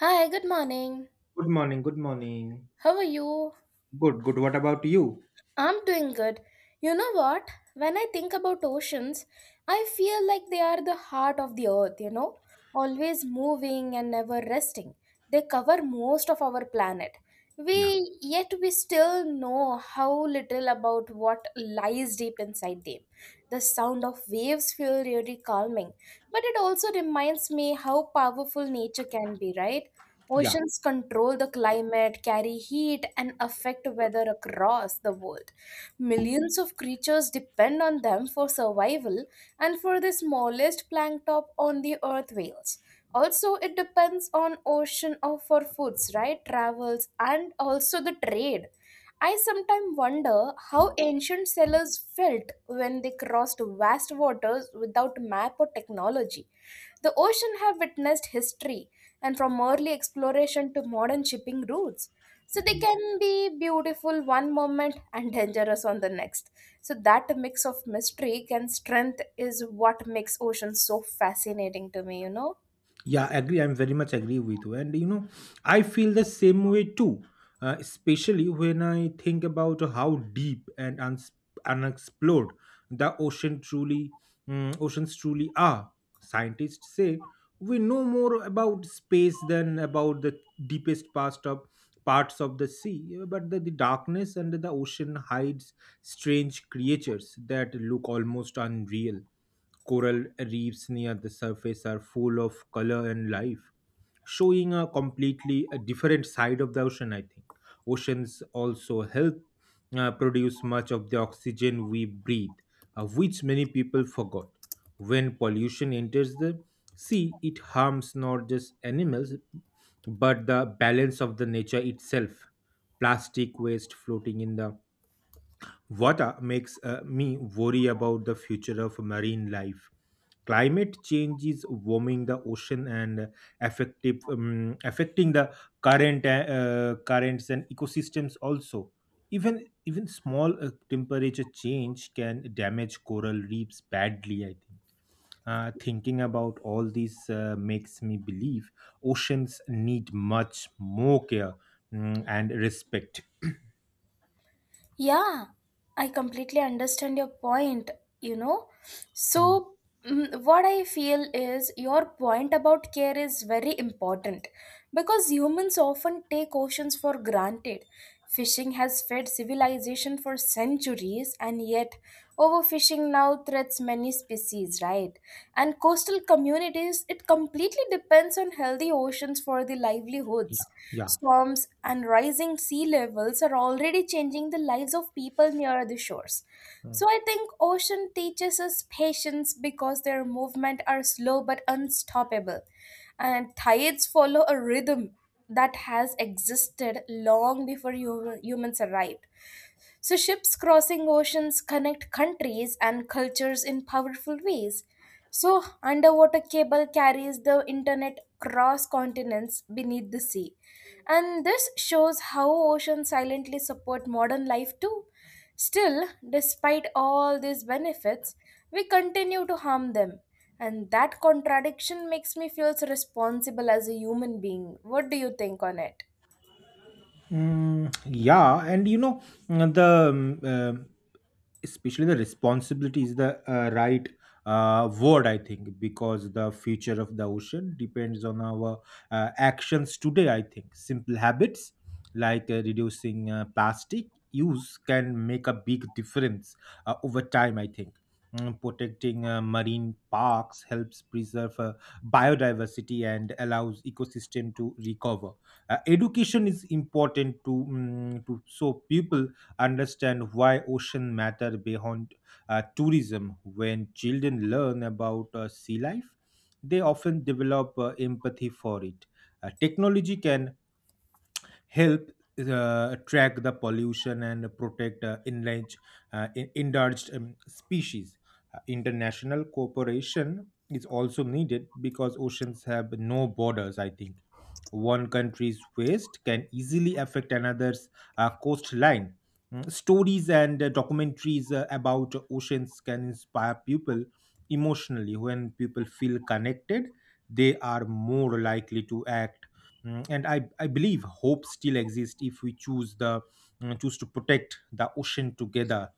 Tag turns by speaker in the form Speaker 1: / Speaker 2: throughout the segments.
Speaker 1: Hi, good morning.
Speaker 2: Good morning. Good morning.
Speaker 1: How are you?
Speaker 2: Good, good. What about you?
Speaker 1: I'm doing good. You know what? When I think about oceans, I feel like they are the heart of the earth, you know, always moving and never resting. They cover most of our planet. We yet we still know how little about what lies deep inside them. The sound of waves feel really calming, but it also reminds me how powerful nature can be, right?
Speaker 2: Yeah,
Speaker 1: Oceans control the climate, carry heat, and affect weather across the world. Millions of creatures depend on them for survival and for the smallest plankton on the earth whales. Also, it depends on for foods, right? Travels and also the trade. I sometimes wonder how ancient sailors felt when they crossed vast waters without map or technology. The ocean have witnessed history and from early exploration to modern shipping routes. So they can be beautiful one moment and dangerous on the next. So that mix of mystery and strength is what makes ocean so fascinating to me, you know?
Speaker 2: yeah, agree. I'm very much agree with you. And you know, I feel the same way too, especially when I think about how deep and unexplored the oceans truly are. Scientists say we know more about space than about the deepest past of parts of the sea, but the darkness under the ocean hides strange creatures that look almost unreal. Coral reefs near the surface are full of color and life, showing a completely a different side of the ocean, I think. Oceans also help produce much of the oxygen we breathe, which many people forgot. When pollution enters the sea, it harms not just animals but the balance of the nature itself. Plastic waste floating in the what makes me worry about the future of marine life. Climate change is warming the ocean and affecting the currents and ecosystems also. Even small temperature change can damage coral reefs badly, I think. Thinking about all this makes me believe oceans need much more care and respect.
Speaker 1: Yeah, I completely understand your point, you know.
Speaker 2: Mm.
Speaker 1: So, what I feel is your point about care is very important because humans often take oceans for granted. Fishing has fed civilization for centuries, and yet overfishing now threats many species, right? And coastal communities, it completely depends on healthy oceans for the
Speaker 2: Yeah,
Speaker 1: livelihoods.
Speaker 2: yeah.
Speaker 1: Storms and rising sea levels are already changing the lives of people near the shores.
Speaker 2: Mm.
Speaker 1: So I think ocean teaches us patience because their movement are slow but unstoppable. And tides follow a rhythm that has existed long before humans arrived. So, ships crossing oceans connect countries and cultures in powerful ways. So, underwater cable carries the internet across continents beneath the sea. And this shows how oceans silently support modern life too. Still, despite all these benefits, we continue to harm them. And that contradiction makes me feel responsible as a human being. What do you think on it?
Speaker 2: Yeah, and you know, mm, the especially the responsibility is the right word, I think, because the future of the ocean depends on our actions today. I think simple habits like reducing plastic use can make a big difference over time, I think. Protecting marine parks helps preserve biodiversity and allows ecosystem to recover. Education is important to, to so people understand why ocean matter beyond tourism. When children learn about sea life, they often develop empathy for it. Technology can help track the pollution and protect endangered species. International cooperation is also needed because oceans have no borders, I think. One country's waste can easily affect another's coastline. Stories and documentaries about oceans can inspire people emotionally. When people feel connected, they are more likely to act. And I believe hope still exists if we choose the choose to protect the ocean together.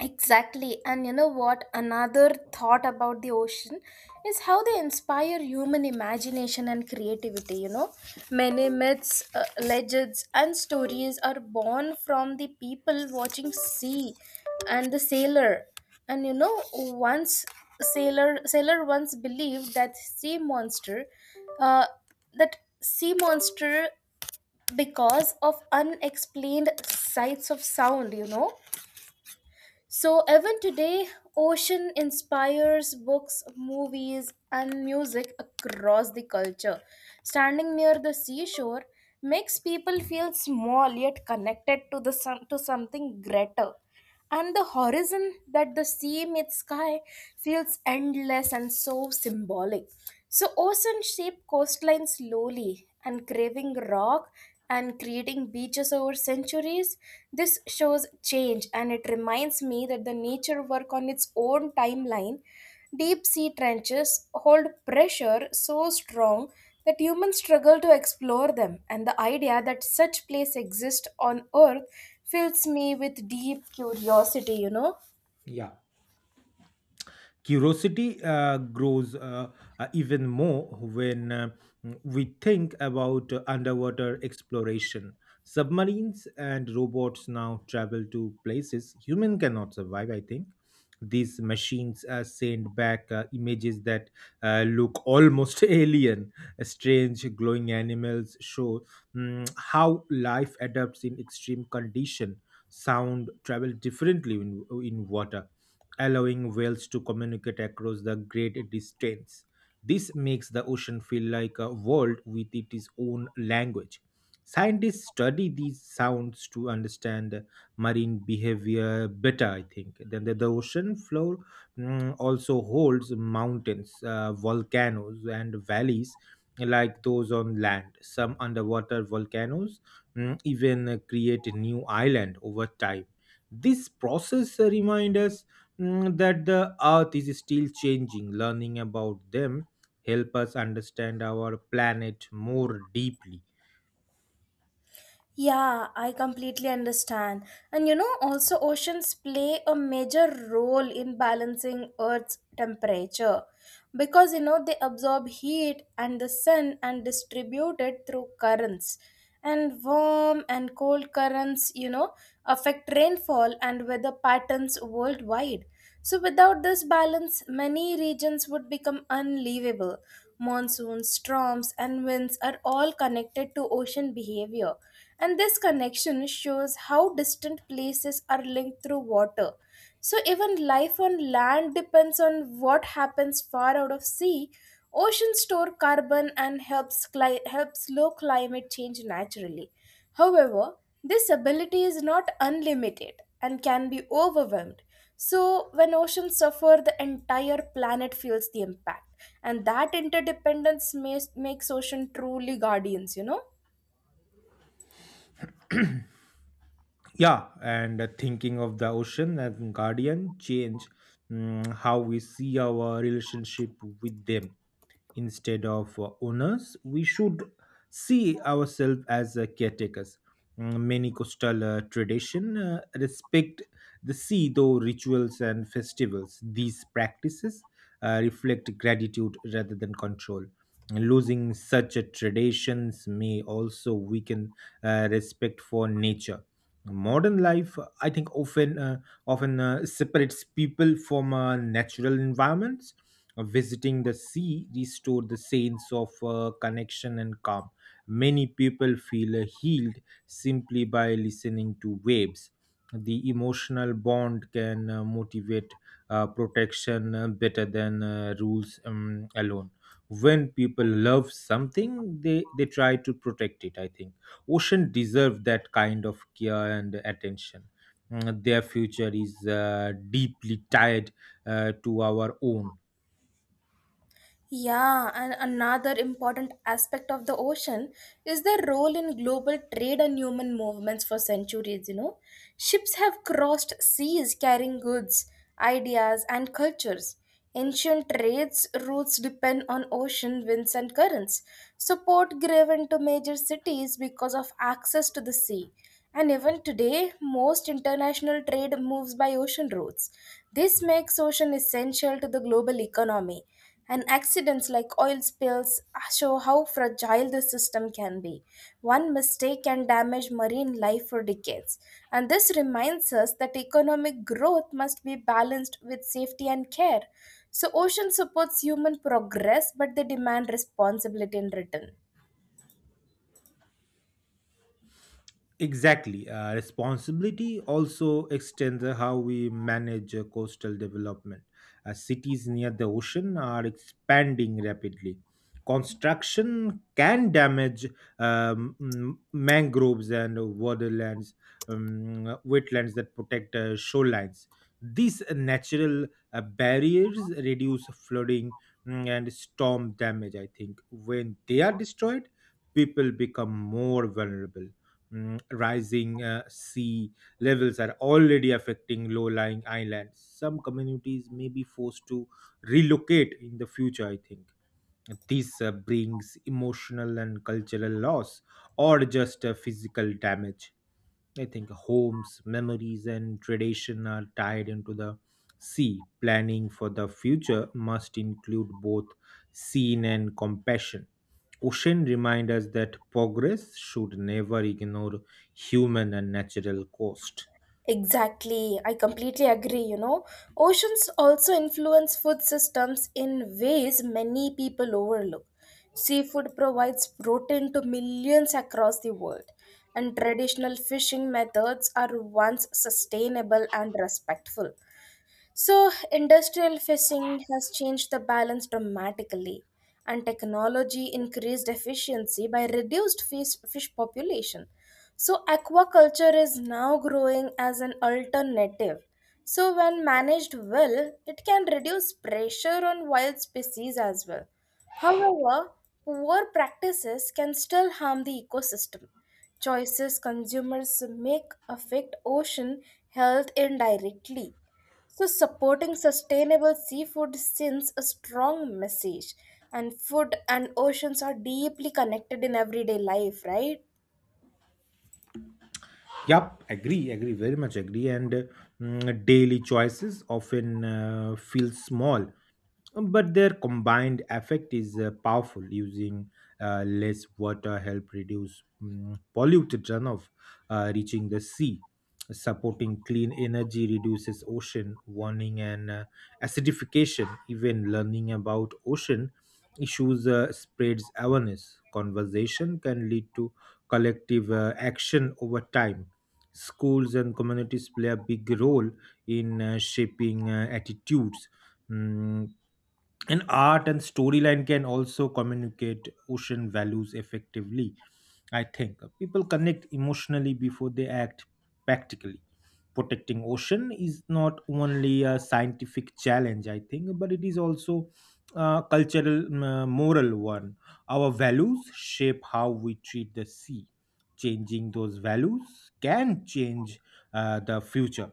Speaker 1: Exactly. And you know what? Another thought about the ocean is how they inspire human imagination and creativity. You know, many myths, legends, and stories are born from the people watching sea and the sailor. And you know, once sailor once believed that sea monster, uh, that sea monster because of unexplained sights of sound. You know so, even today, ocean inspires books, movies, and music across the culture. Standing near the seashore makes people feel small yet connected to the sun, to something greater. And the horizon that the sea meets sky feels endless and so symbolic. So, ocean shape coastline slowly, and craving rock and creating beaches over centuries. This shows change and it reminds me that the nature work on its own timeline. Deep sea trenches hold pressure so strong that humans struggle to explore them, and the idea that such place exists on earth fills me with deep curiosity, you know.
Speaker 2: Yeah. Curiosity grows even more when we think about underwater exploration. Submarines and robots now travel to places human cannot survive, I think. These machines send back images that look almost alien. Strange glowing animals show how life adapts in extreme condition. Sound travels differently in water, allowing whales to communicate across the great distance. This makes the ocean feel like a world with its own language. Scientists study these sounds to understand marine behavior better, I think. Then the ocean floor also holds mountains, volcanoes, and valleys like those on land. Some underwater volcanoes even create new island over time. This process reminds us that the earth is still changing. Learning about them help us understand our planet more deeply.
Speaker 1: Yeah, I completely understand. And you know, also oceans play a major role in balancing Earth's temperature because you know they absorb heat and the sun and distribute it through currents. And warm and cold currents, you know, affect rainfall and weather patterns worldwide. So, without this balance, many regions would become unlivable. Monsoons, storms, and winds are all connected to ocean behavior. And this connection shows how distant places are linked through water. So, even life on land depends on what happens far out of sea. Oceans store carbon and helps slow climate change naturally. However, this ability is not unlimited and can be overwhelmed. So, when oceans suffer, the entire planet feels the impact, and that interdependence makes ocean truly guardians, you know.
Speaker 2: Yeah, and thinking of the ocean as guardian change how we see our relationship with them. Instead of owners, we should see ourselves as caretakers. Many coastal tradition respect the sea though rituals and festivals. These practices reflect gratitude rather than control. Losing such a traditions may also weaken respect for nature. Modern life I think often separates people from natural environments. Visiting the sea restore the sense of connection and calm. Many people feel healed simply by listening to waves. The emotional bond can motivate protection better than rules alone. When people love something, they try to protect it, I think. Ocean deserve that kind of care and attention. Their future is deeply tied to our own.
Speaker 1: Yeah, and another important aspect of the ocean is their role in global trade and human movements for centuries, you know. Ships have crossed seas carrying goods, ideas, and cultures. Ancient trades routes depend on ocean winds and currents. So port gave into major cities because of access to the sea. And even today, most international trade moves by ocean routes. This makes ocean essential to the global economy. And accidents like oil spills show how fragile the system can be. One mistake can damage marine life for decades. And this reminds us that economic growth must be balanced with safety and care. So, ocean supports human progress, but they demand responsibility in return.
Speaker 2: Exactly. Responsibility also extends how we manage coastal development. Cities near the ocean are expanding rapidly. Construction can damage mangroves and waterlands, wetlands that protect shorelines. These natural barriers reduce flooding and storm damage, I think. When they are destroyed, people become more vulnerable. Rising sea levels are already affecting low-lying islands. Some communities may be forced to relocate in the future, I think. This brings emotional and cultural loss or just physical damage. I think homes, memories, and tradition are tied into the sea. Planning for the future must include both scene and compassion. Ocean reminds us that progress should never ignore human and natural cost.
Speaker 1: Exactly, I completely agree. You know, oceans also influence food systems in ways many people overlook. Seafood provides protein to millions across the world, and traditional fishing methods are once sustainable and respectful. So, industrial fishing has changed the balance dramatically, and technology increased efficiency by reduced fish population. So, aquaculture is now growing as an alternative. So, when managed well, it can reduce pressure on wild species as well. However, poor practices can still harm the ecosystem. Choices consumers make affect ocean health indirectly. So, supporting sustainable seafood sends a strong message, and food and oceans are deeply connected in everyday life, right?
Speaker 2: Yup, agree, agree, very much agree. And daily choices often feel small. But their combined effect is powerful. Using less water help reduce polluted runoff reaching the sea. Supporting clean energy reduces ocean warming and acidification. Even learning about ocean issues spreads awareness. Conversation can lead to collective action over time. Schools and communities play a big role in shaping attitudes. Mm, and art and storyline can also communicate ocean values effectively, I think. People connect emotionally before they act practically. Protecting ocean is not only a scientific challenge, I think, but it is also a cultural moral one. Our values shape how we treat the sea. Changing those values can change the future.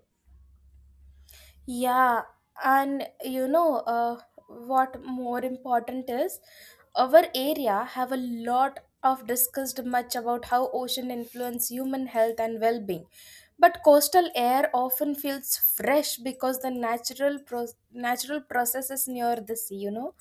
Speaker 1: Yeah, and you know what more important is our area have a lot of discussed much about how ocean influence human health and well-being. But coastal air often feels fresh because the natural processes near the sea, you know.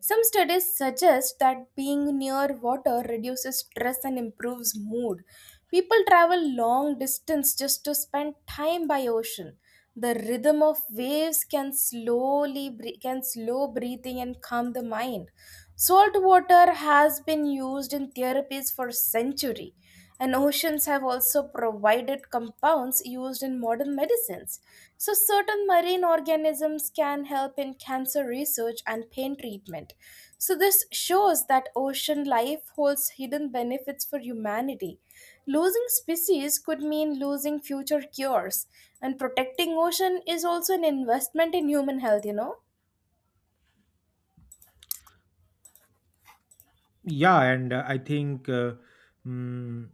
Speaker 1: Some studies suggest that being near water reduces stress and improves mood. People travel long distance just to spend time by ocean the rhythm of waves can can slow breathing and calm the mind. Salt water has been used in therapies for centuries, and oceans have also provided compounds used in modern medicines. So certain marine organisms can help in cancer research and pain treatment. So this shows that ocean life holds hidden benefits for humanity. Losing species could mean losing future cures, and protecting ocean is also an investment in human health, you know.
Speaker 2: Yeah and I think mm,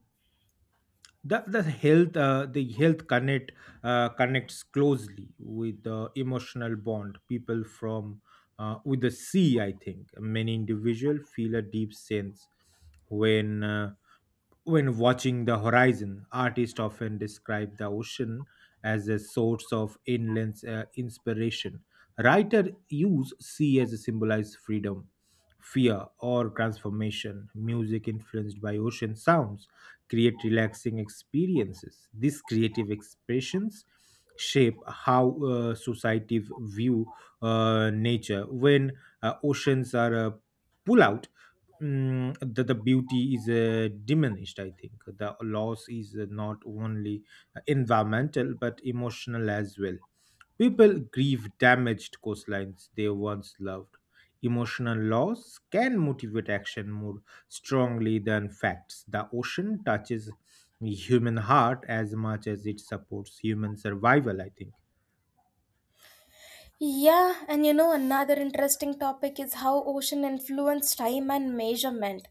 Speaker 2: the health connect connects closely with the emotional bond people from with the sea, I think. Many individual feel a deep sense when uh, when watching the horizon. Artists often describe the ocean as a source of endless inspiration. Writers use sea as a symbolize freedom, fear, or transformation. Music influenced by ocean sounds create relaxing experiences. These creative expressions shape how society view nature. When oceans are pull out, the beauty is diminished, I think. The loss is not only environmental but emotional as well. People grieve damaged coastlines they once loved. Emotional loss can motivate action more strongly than facts. The ocean touches human heart as much as it supports human survival, I think.
Speaker 1: Yeah, and you know another interesting topic is how ocean influence time and measurement.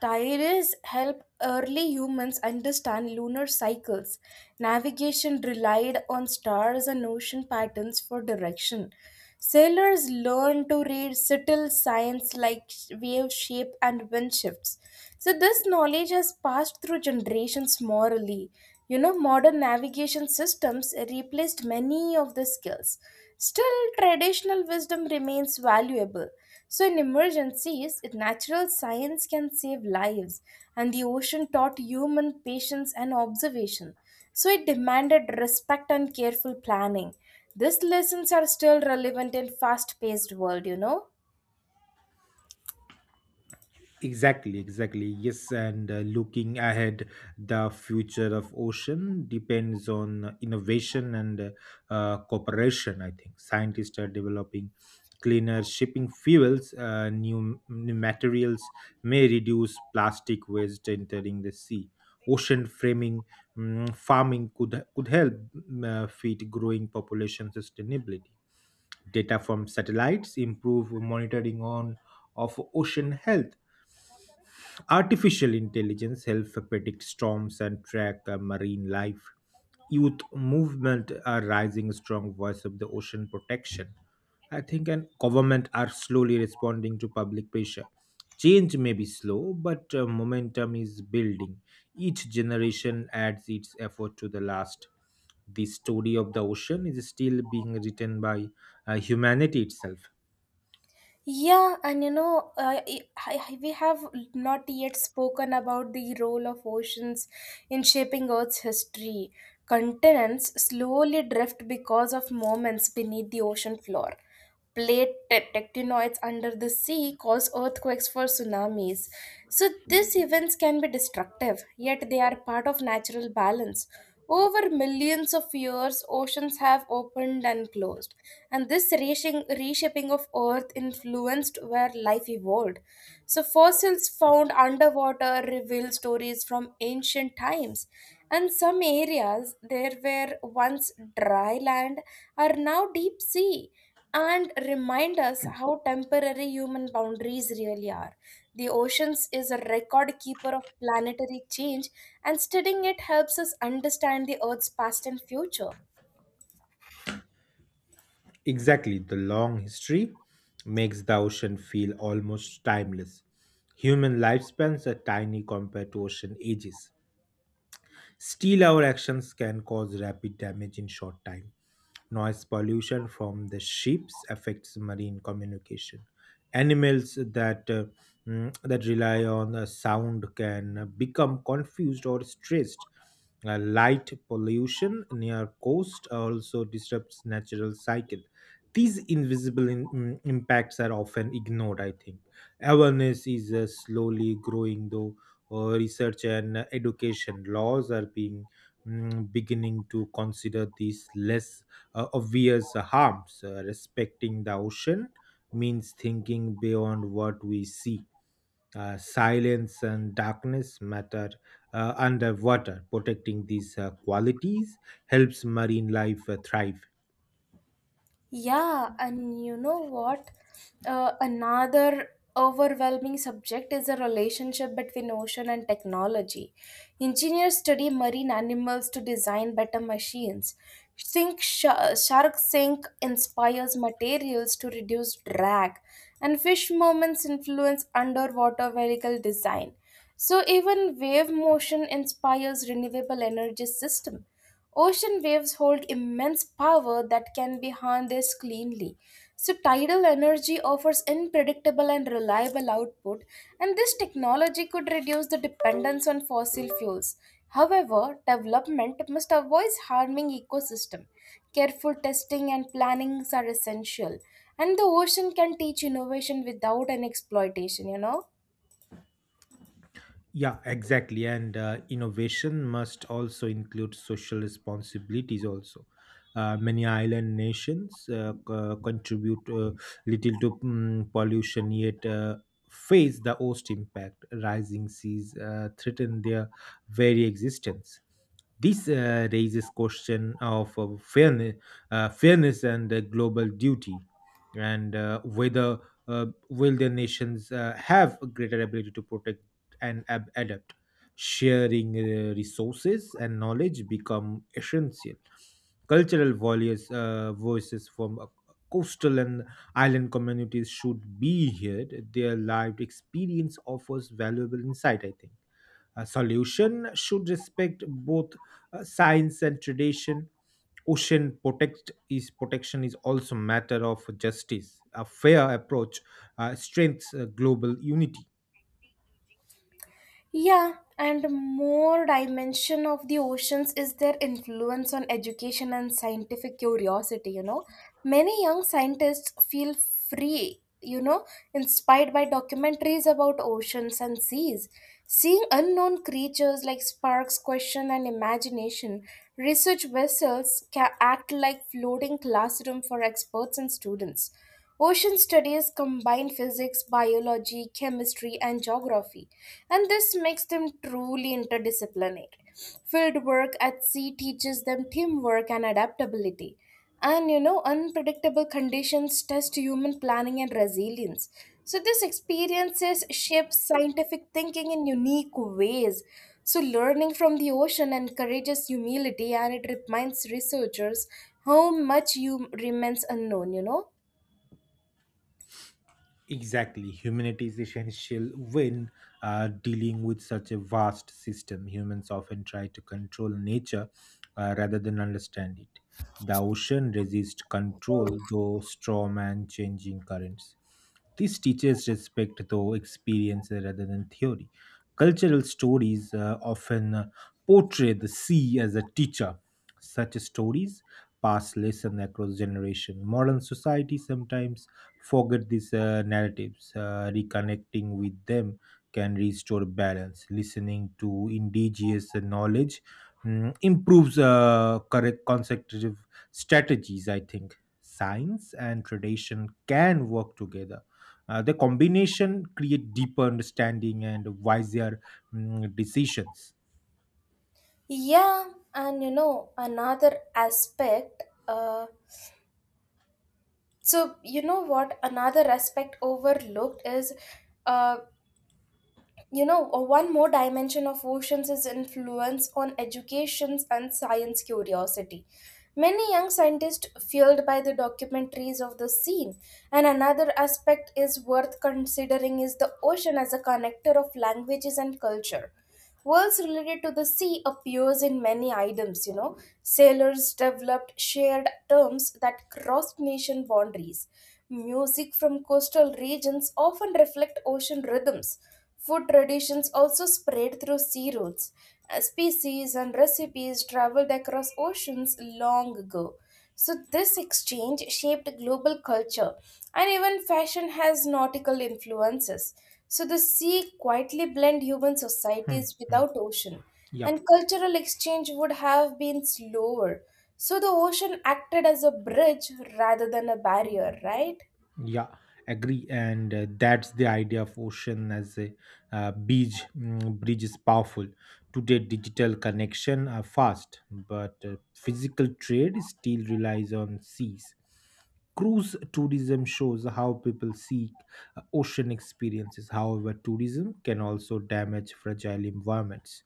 Speaker 1: Tides help early humans understand lunar cycles. Navigation relied on stars and ocean patterns for direction. Sailors learn to read subtle signs like wave shape and wind shifts. So, this knowledge has passed through generations morally. You know, modern navigation systems replaced many of the skills. Still, traditional wisdom remains valuable. So, in emergencies, it, natural science can save lives, and the ocean taught human patience and observation. So, it demanded respect and careful planning. These lessons are still relevant in fast-paced world, you know.
Speaker 2: Exactly, exactly. Yes, and looking ahead, the future of ocean depends on innovation and cooperation, I think. Scientists are developing cleaner shipping fuels. New materials may reduce plastic waste entering the sea. Ocean farming could help feed growing population sustainability. Data from satellites improve monitoring on of ocean health. Artificial intelligence helps predict storms and track marine life. Youth movement are rising strong voice of the ocean protection, I think, and government are slowly responding to public pressure. Change may be slow, but momentum is building. Each generation adds its effort to the last. The story of the ocean is still being written by humanity itself.
Speaker 1: Yeah, and you know, we have not yet spoken about the role of oceans in shaping Earth's history. Continents slowly drift because of moments beneath the ocean floor. Plate tectonics under the sea cause earthquakes for tsunamis. So, these events can be destructive, yet they are part of natural balance. Over millions of years, oceans have opened and closed, and this reshaping of Earth influenced where life evolved. So, fossils found underwater reveal stories from ancient times, and some areas there were once dry land are now deep sea and remind us how temporary human boundaries really are. The oceans is a record keeper of planetary change, and studying it helps us understand the Earth's past and future.
Speaker 2: Exactly, the long history makes the ocean feel almost timeless. Human lifespans are tiny compared to ocean ages. Still, our actions can cause rapid damage in short time. Noise pollution from the ships affects marine communication. Animals that that rely on the sound can become confused or stressed. Light pollution near coast also disrupts natural cycle. These invisible impacts are often ignored, I think. Awareness is slowly growing, though research and education laws are being beginning to consider these less obvious harms. Respecting the ocean means thinking beyond what we see. Silence and darkness matter underwater. Protecting these qualities helps marine life thrive.
Speaker 1: Yeah, and you know what? Another overwhelming subject is the relationship between ocean and technology. Engineers study marine animals to design better machines. Sink sh- shark sink inspires materials to reduce drag, and fish movements influence underwater vehicle design. So even wave motion inspires renewable energy system. Ocean waves hold immense power that can be harnessed cleanly. So, tidal energy offers unpredictable and reliable output, and this technology could reduce the dependence on fossil fuels. However, development must avoid harming ecosystem. Careful testing and plannings are essential, and the ocean can teach innovation without an exploitation. You know.
Speaker 2: Yeah, exactly. And innovation must also include social responsibilities also. Many island nations contribute little to pollution, yet face the worst impact. Rising seas threaten their very existence. This raises question of fairness and global duty, and whether will the nations have a greater ability to protect and adapt. Sharing resources and knowledge become essential. Cultural voices, voices from coastal and island communities should be heard. Their lived experience offers valuable insight, I think. A solution should respect both science and tradition. Ocean protection is also matter of justice. A fair approach strengthens global unity.
Speaker 1: Yeah, and more dimension of the oceans is their influence on education and scientific curiosity, you know. Many young scientists feel free, you know, inspired by documentaries about oceans and seas. Seeing unknown creatures like sparks question and imagination, research vessels can act like floating classroom for experts and students. Ocean studies combine physics, biology, chemistry, and geography, and this makes them truly interdisciplinary. Field work at sea teaches them teamwork and adaptability. And you know, unpredictable conditions test human planning and resilience. So, these experiences shape scientific thinking in unique ways. So, learning from the ocean encourages humility and it reminds researchers how much you remains unknown, you know.
Speaker 2: Exactly. Humanity is essential when dealing with such a vast system. Humans often try to control nature rather than understand it. The ocean resists control, though storm and changing currents. This teaches respect, though experience rather than theory. Cultural stories often portray the sea as a teacher. Such stories pass lesson across generation. Modern society sometimes forget these narratives. Reconnecting with them can restore balance. Listening to indigenous knowledge improves correct consecutive strategies, I think. Science and tradition can work together. The combination create deeper understanding and wiser decisions.
Speaker 1: Yeah, and you know, another aspect overlooked is, uh, one more dimension of oceans is influence on educations and science curiosity. Many young scientists fueled by the documentaries of the scene. And another aspect is worth considering is the ocean as a connector of languages and culture Words related to the sea appears in many items, you know. Sailors developed shared terms that crossed nation boundaries. Music from coastal regions often reflect ocean rhythms. Food traditions also spread through sea routes. Species and recipes traveled across oceans long ago. This exchange shaped global culture, and even fashion has nautical influences. The sea quietly blend human
Speaker 2: Hmm,
Speaker 1: societies.
Speaker 2: hmm.
Speaker 1: Without ocean,
Speaker 2: Yep.
Speaker 1: and cultural exchange would have been slower. The ocean acted as a bridge rather than a barrier, right?
Speaker 2: Yeah, agree. And that's the idea of ocean as a bridge. Bridge is powerful. Today, digital connection are fast, but physical trade still relies on seas. Cruise tourism shows how people seek ocean experiences. However, tourism can also damage fragile environments.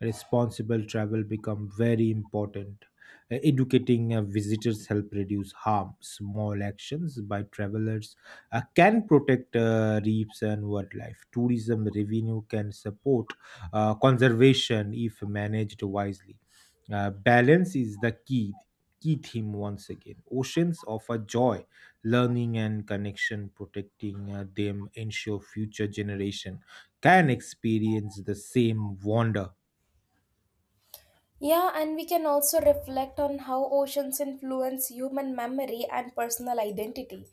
Speaker 2: Responsible travel become very important. Educating visitors help reduce harm. Small actions by travelers can protect reefs and wildlife. Tourism revenue can support conservation if managed wisely. Balance is the key theme once again. Oceans offer joy, learning, and connection. Protecting them ensure future generation can experience the same wonder.
Speaker 1: Yeah, and we can also reflect on how oceans influence human memory and personal identity.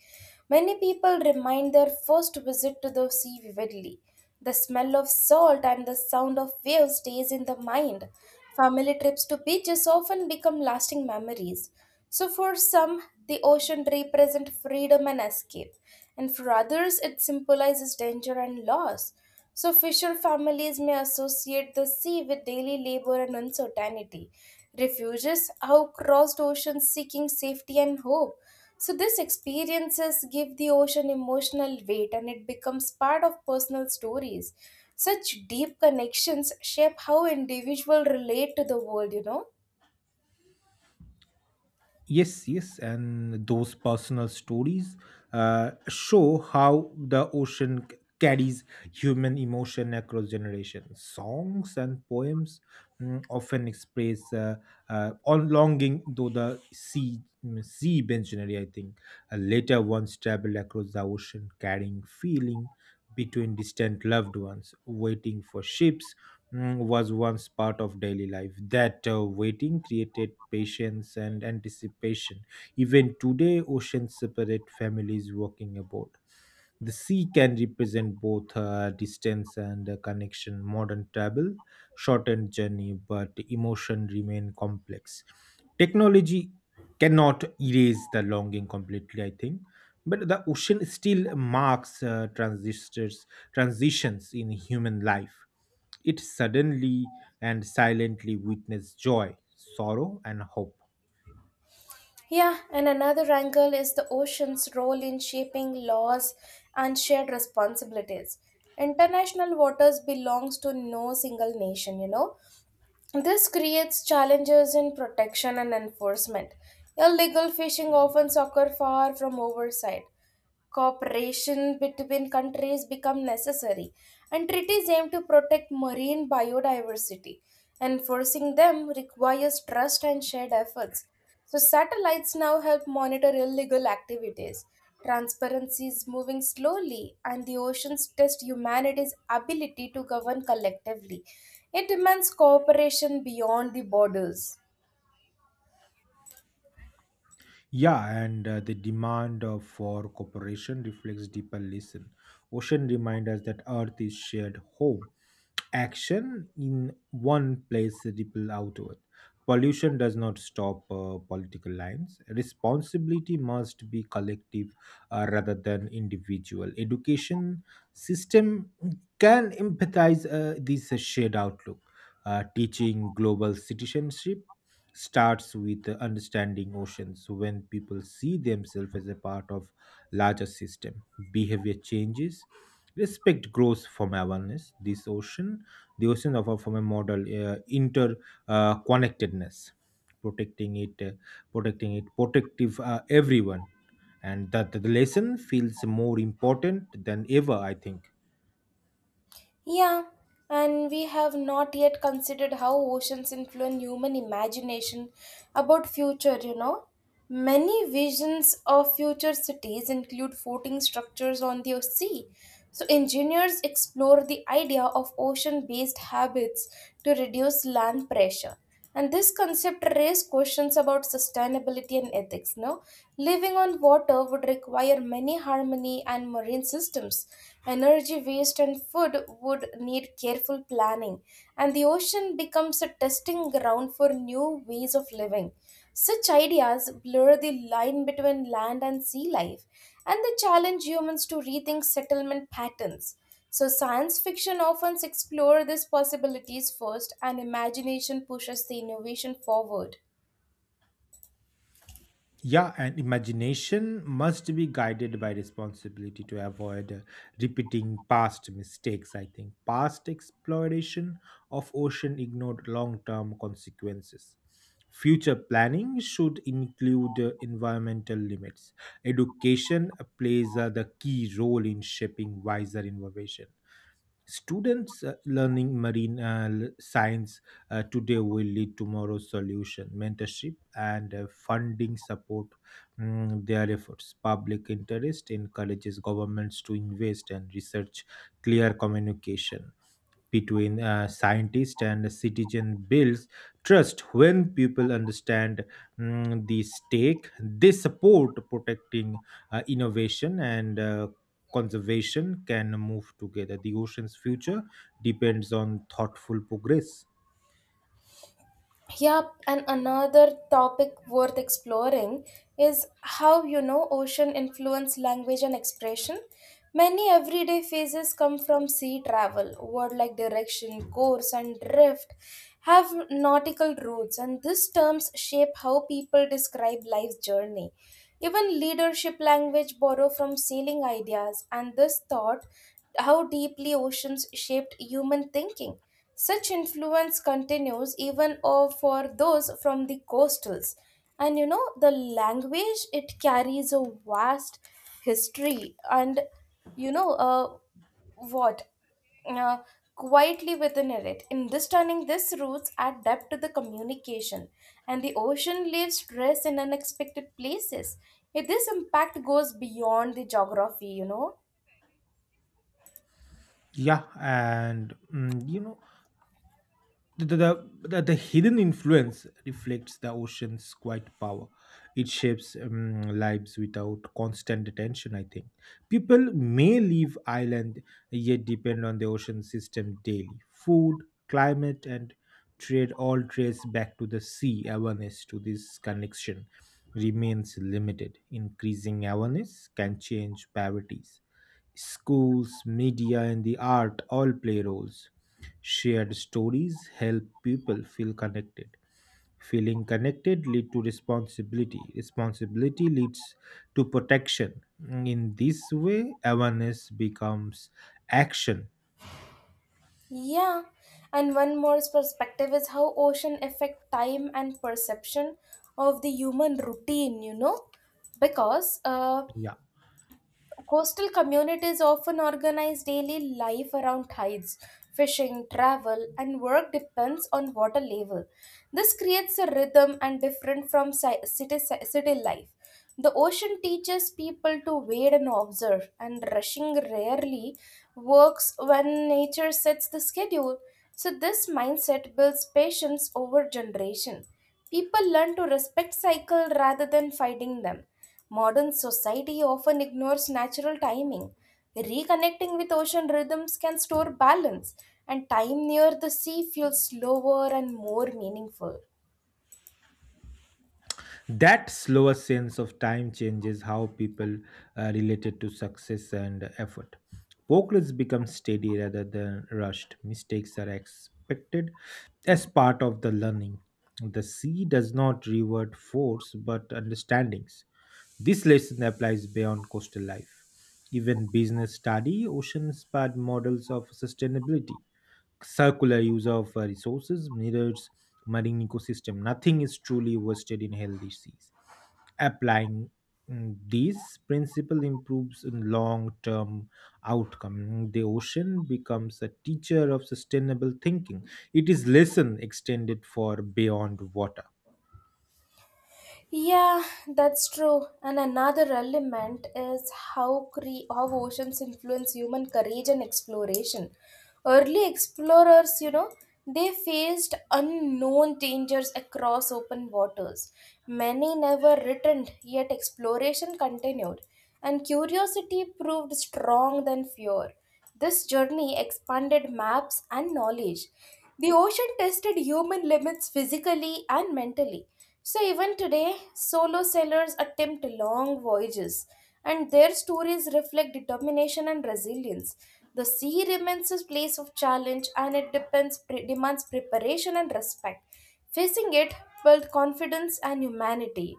Speaker 1: Many people remind their first visit to the sea vividly. The smell of salt and the sound of waves stays in the mind. Family trips to beaches often become lasting memories. So for some, the ocean represents freedom and escape, and for others it symbolizes danger and loss. Fisher families may associate the sea with daily labor and uncertainty. Refugees have crossed oceans seeking safety and hope. These experiences give the ocean emotional weight, and it becomes part of personal stories. Such deep connections shape how individuals relate to the world, you know.
Speaker 2: Yes, yes, and those personal stories show how the ocean carries human emotion across generations. Songs and poems often express on longing, though the sea sea missionary, I think, later once traveled across the ocean, carrying feeling between distant loved ones, waiting for ships was once part of daily life. That waiting created patience and anticipation. Even today, oceans separate families walking aboard. The sea can represent both distance and connection. Modern travel shortened journey, but emotion remain complex. Technology cannot erase the longing completely, I think. But the ocean still marks transitions in human life it suddenly and silently witnessed joy, sorrow, and hope.
Speaker 1: Yeah, and another angle is the ocean's role in shaping laws and shared responsibilities. International waters belongs to no single nation. This creates challenges in protection and enforcement. Illegal fishing often occur far from oversight. Cooperation between countries become necessary, and treaties aim to protect marine biodiversity. Enforcing them requires trust and shared efforts. So satellites now help monitor illegal activities. Transparency is moving slowly, and the oceans test humanity's ability to govern collectively. It demands cooperation beyond the borders.
Speaker 2: Yeah, and the demand for cooperation reflects deeper lesson. Ocean reminds us that Earth is shared home. Action in one place ripple outward. Pollution does not stop political lines. Responsibility must be collective rather than individual. Education system can empathize this shared outlook. Teaching global citizenship starts with understanding oceans. When people see themselves as a part of larger system, behavior changes. Respect grows from awareness. The ocean offer from a model connectedness, protecting it, uh, protecting it, protective everyone, and that the lesson feels more important than ever. I think.
Speaker 1: Yeah, and we have not yet considered how oceans influence human imagination about future. Many visions of future cities include floating structures on the sea. So engineers explore the idea of ocean-based habits to reduce land pressure. And this concept raised questions about sustainability and ethics. Now, living on water would require many harmony and marine systems. Energy waste and food would need careful planning, and the ocean becomes a testing ground for new ways of living. Such ideas blur the line between land and sea life, and they challenge humans to rethink settlement patterns. So, science fiction often explores these possibilities first, and imagination pushes the innovation forward.
Speaker 2: Yeah, and imagination must be guided by responsibility to avoid repeating past mistakes. I think past exploration of ocean ignored long term consequences. Future planning should include environmental limits. Education plays the key role in shaping wiser innovation. Students learning marine science today will lead tomorrow's solution. Mentorship and funding support their efforts. Public interest encourages governments to invest and research clear communication between scientist and citizen builds trust when people understand the stake they support protecting innovation and conservation can move together the ocean's future depends on thoughtful progress.
Speaker 1: Yep, and another topic worth exploring is how ocean influence language and expression. Many everyday phrases come from sea travel. Word like direction, course, and drift have nautical roots, and these terms shape how people describe life's journey. Even leadership language borrow from sailing ideas, and this thought how deeply oceans shaped human thinking. Such influence continues even for those from the coastals. And you know, the language it carries a vast history, and you know, what uh, quietly within it, understanding this roots add depth to the communication, and the ocean leaves stress in unexpected places. If this impact goes beyond the geography.
Speaker 2: Yeah, and you know the, hidden influence reflects the ocean's quiet power. It shapes lives without constant attention, I think. People may leave island yet depend on the ocean system daily. Food, climate, and trade all trace back to the sea. Awareness to this connection remains limited. Increasing awareness can change priorities. Schools, media, and the art all play roles. Shared stories help people feel connected. Feeling connected lead to responsibility. Responsibility leads to protection. In this way, awareness becomes action.
Speaker 1: Yeah, and one more perspective is how ocean affect time and perception of the human routine, you know, because
Speaker 2: Yeah.
Speaker 1: coastal communities often organize daily life around tides. Fishing, travel, and work depends on water level. This creates a rhythm and different from city life. The ocean teaches people to wait and observe, and rushing rarely works when nature sets the schedule. So, this mindset builds patience over generation. People learn to respect cycle rather than fighting them. Modern society often ignores natural timing. Reconnecting with ocean rhythms can store balance, and time near the sea feels slower and more meaningful.
Speaker 2: That slower sense of time changes how people related to success and effort. Progress becomes steady rather than rushed. Mistakes are expected as part of the learning. The sea does not reward force but understandings. This lesson applies beyond coastal life. Even business study, oceans pad models of sustainability circular use of resources mirrors marine ecosystem nothing is truly wasted in healthy seas applying these principle improves long-term outcome the ocean becomes a teacher of sustainable thinking it is lesson extended for beyond water.
Speaker 1: Yeah, that's true. And another element is how how oceans influence human courage and exploration. Early explorers, you know, they faced unknown dangers across open waters. Many never returned, yet exploration continued, and curiosity proved strong than fear. This journey expanded maps and knowledge. The ocean tested human limits physically and mentally. So, even today, solo sailors attempt long voyages, and their stories reflect determination and resilience. The sea remains a place of challenge, and it depends, demands preparation and respect. Facing it builds confidence and humanity.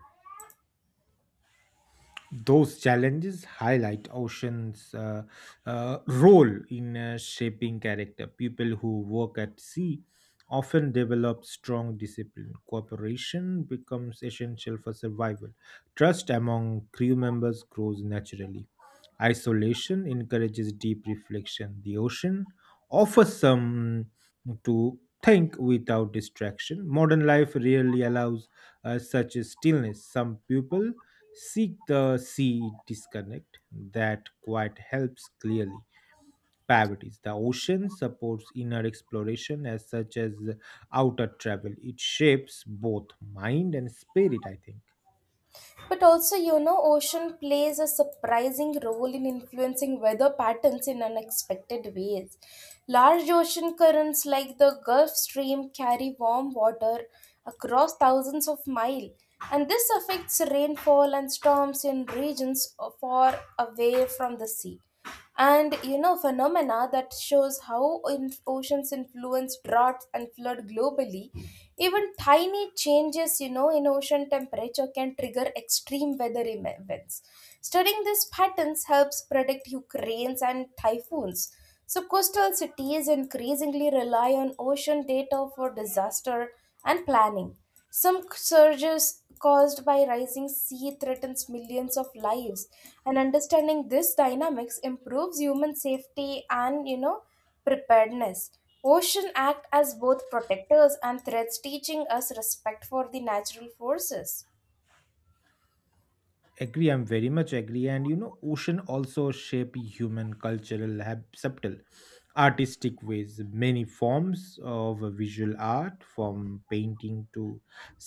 Speaker 2: Those challenges highlight oceans' role in shaping character. People who work at sea often develop strong discipline. Cooperation becomes essential for survival. Trust among crew members grows naturally. Isolation encourages deep reflection. The ocean offers some to think without distraction. Modern life rarely allows such a stillness. Some people seek the sea disconnect that quite helps clearly. Priorities. The ocean supports inner exploration as such as outer travel. It shapes both mind and spirit, I think.
Speaker 1: But also, you know, ocean plays a surprising role in influencing weather patterns in unexpected ways. Large ocean currents like the Gulf Stream carry warm water across thousands of miles, and this affects rainfall and storms in regions far away from the sea, and you know phenomena that shows how oceans influence droughts and flood globally. Even tiny changes, you know, in ocean temperature can trigger extreme weather events. Studying these patterns helps predict hurricanes and typhoons, so coastal cities increasingly rely on ocean data for disaster and planning. Some surges caused by rising sea threatens millions of lives, and understanding this dynamics improves human safety and, you know, preparedness. Ocean act as both protectors and threats, teaching us respect for the natural forces.
Speaker 2: Agree, I'm very much agree. And you know, ocean also shape human cultural subtle artistic ways many forms of visual art from painting to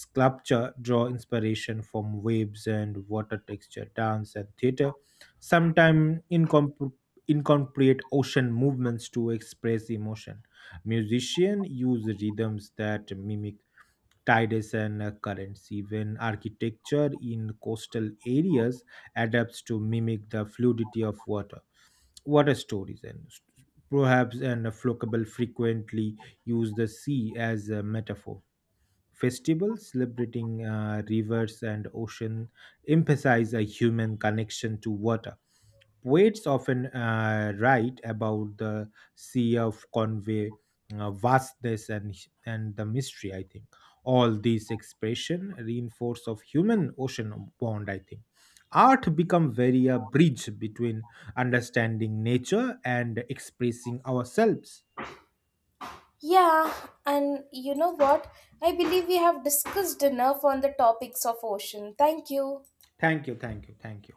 Speaker 2: sculpture draw inspiration from waves and water texture dance and theater sometimes incorporate ocean movements to express emotion musicians use rhythms that mimic tides and currents. Even architecture in coastal areas adapts to mimic the fluidity of water. Water stories and proverbs and Flocable frequently use the sea as a metaphor. Festivals celebrating rivers and ocean emphasize a human connection to water. Poets often write about the sea of convey, vastness, and the mystery. I think all these expression reinforce of human ocean bond. I think art become very a bridge between understanding nature and expressing ourselves.
Speaker 1: Yeah, and you know what? I believe we have discussed enough on the topics of ocean. Thank you.
Speaker 2: Thank you, thank you, thank you.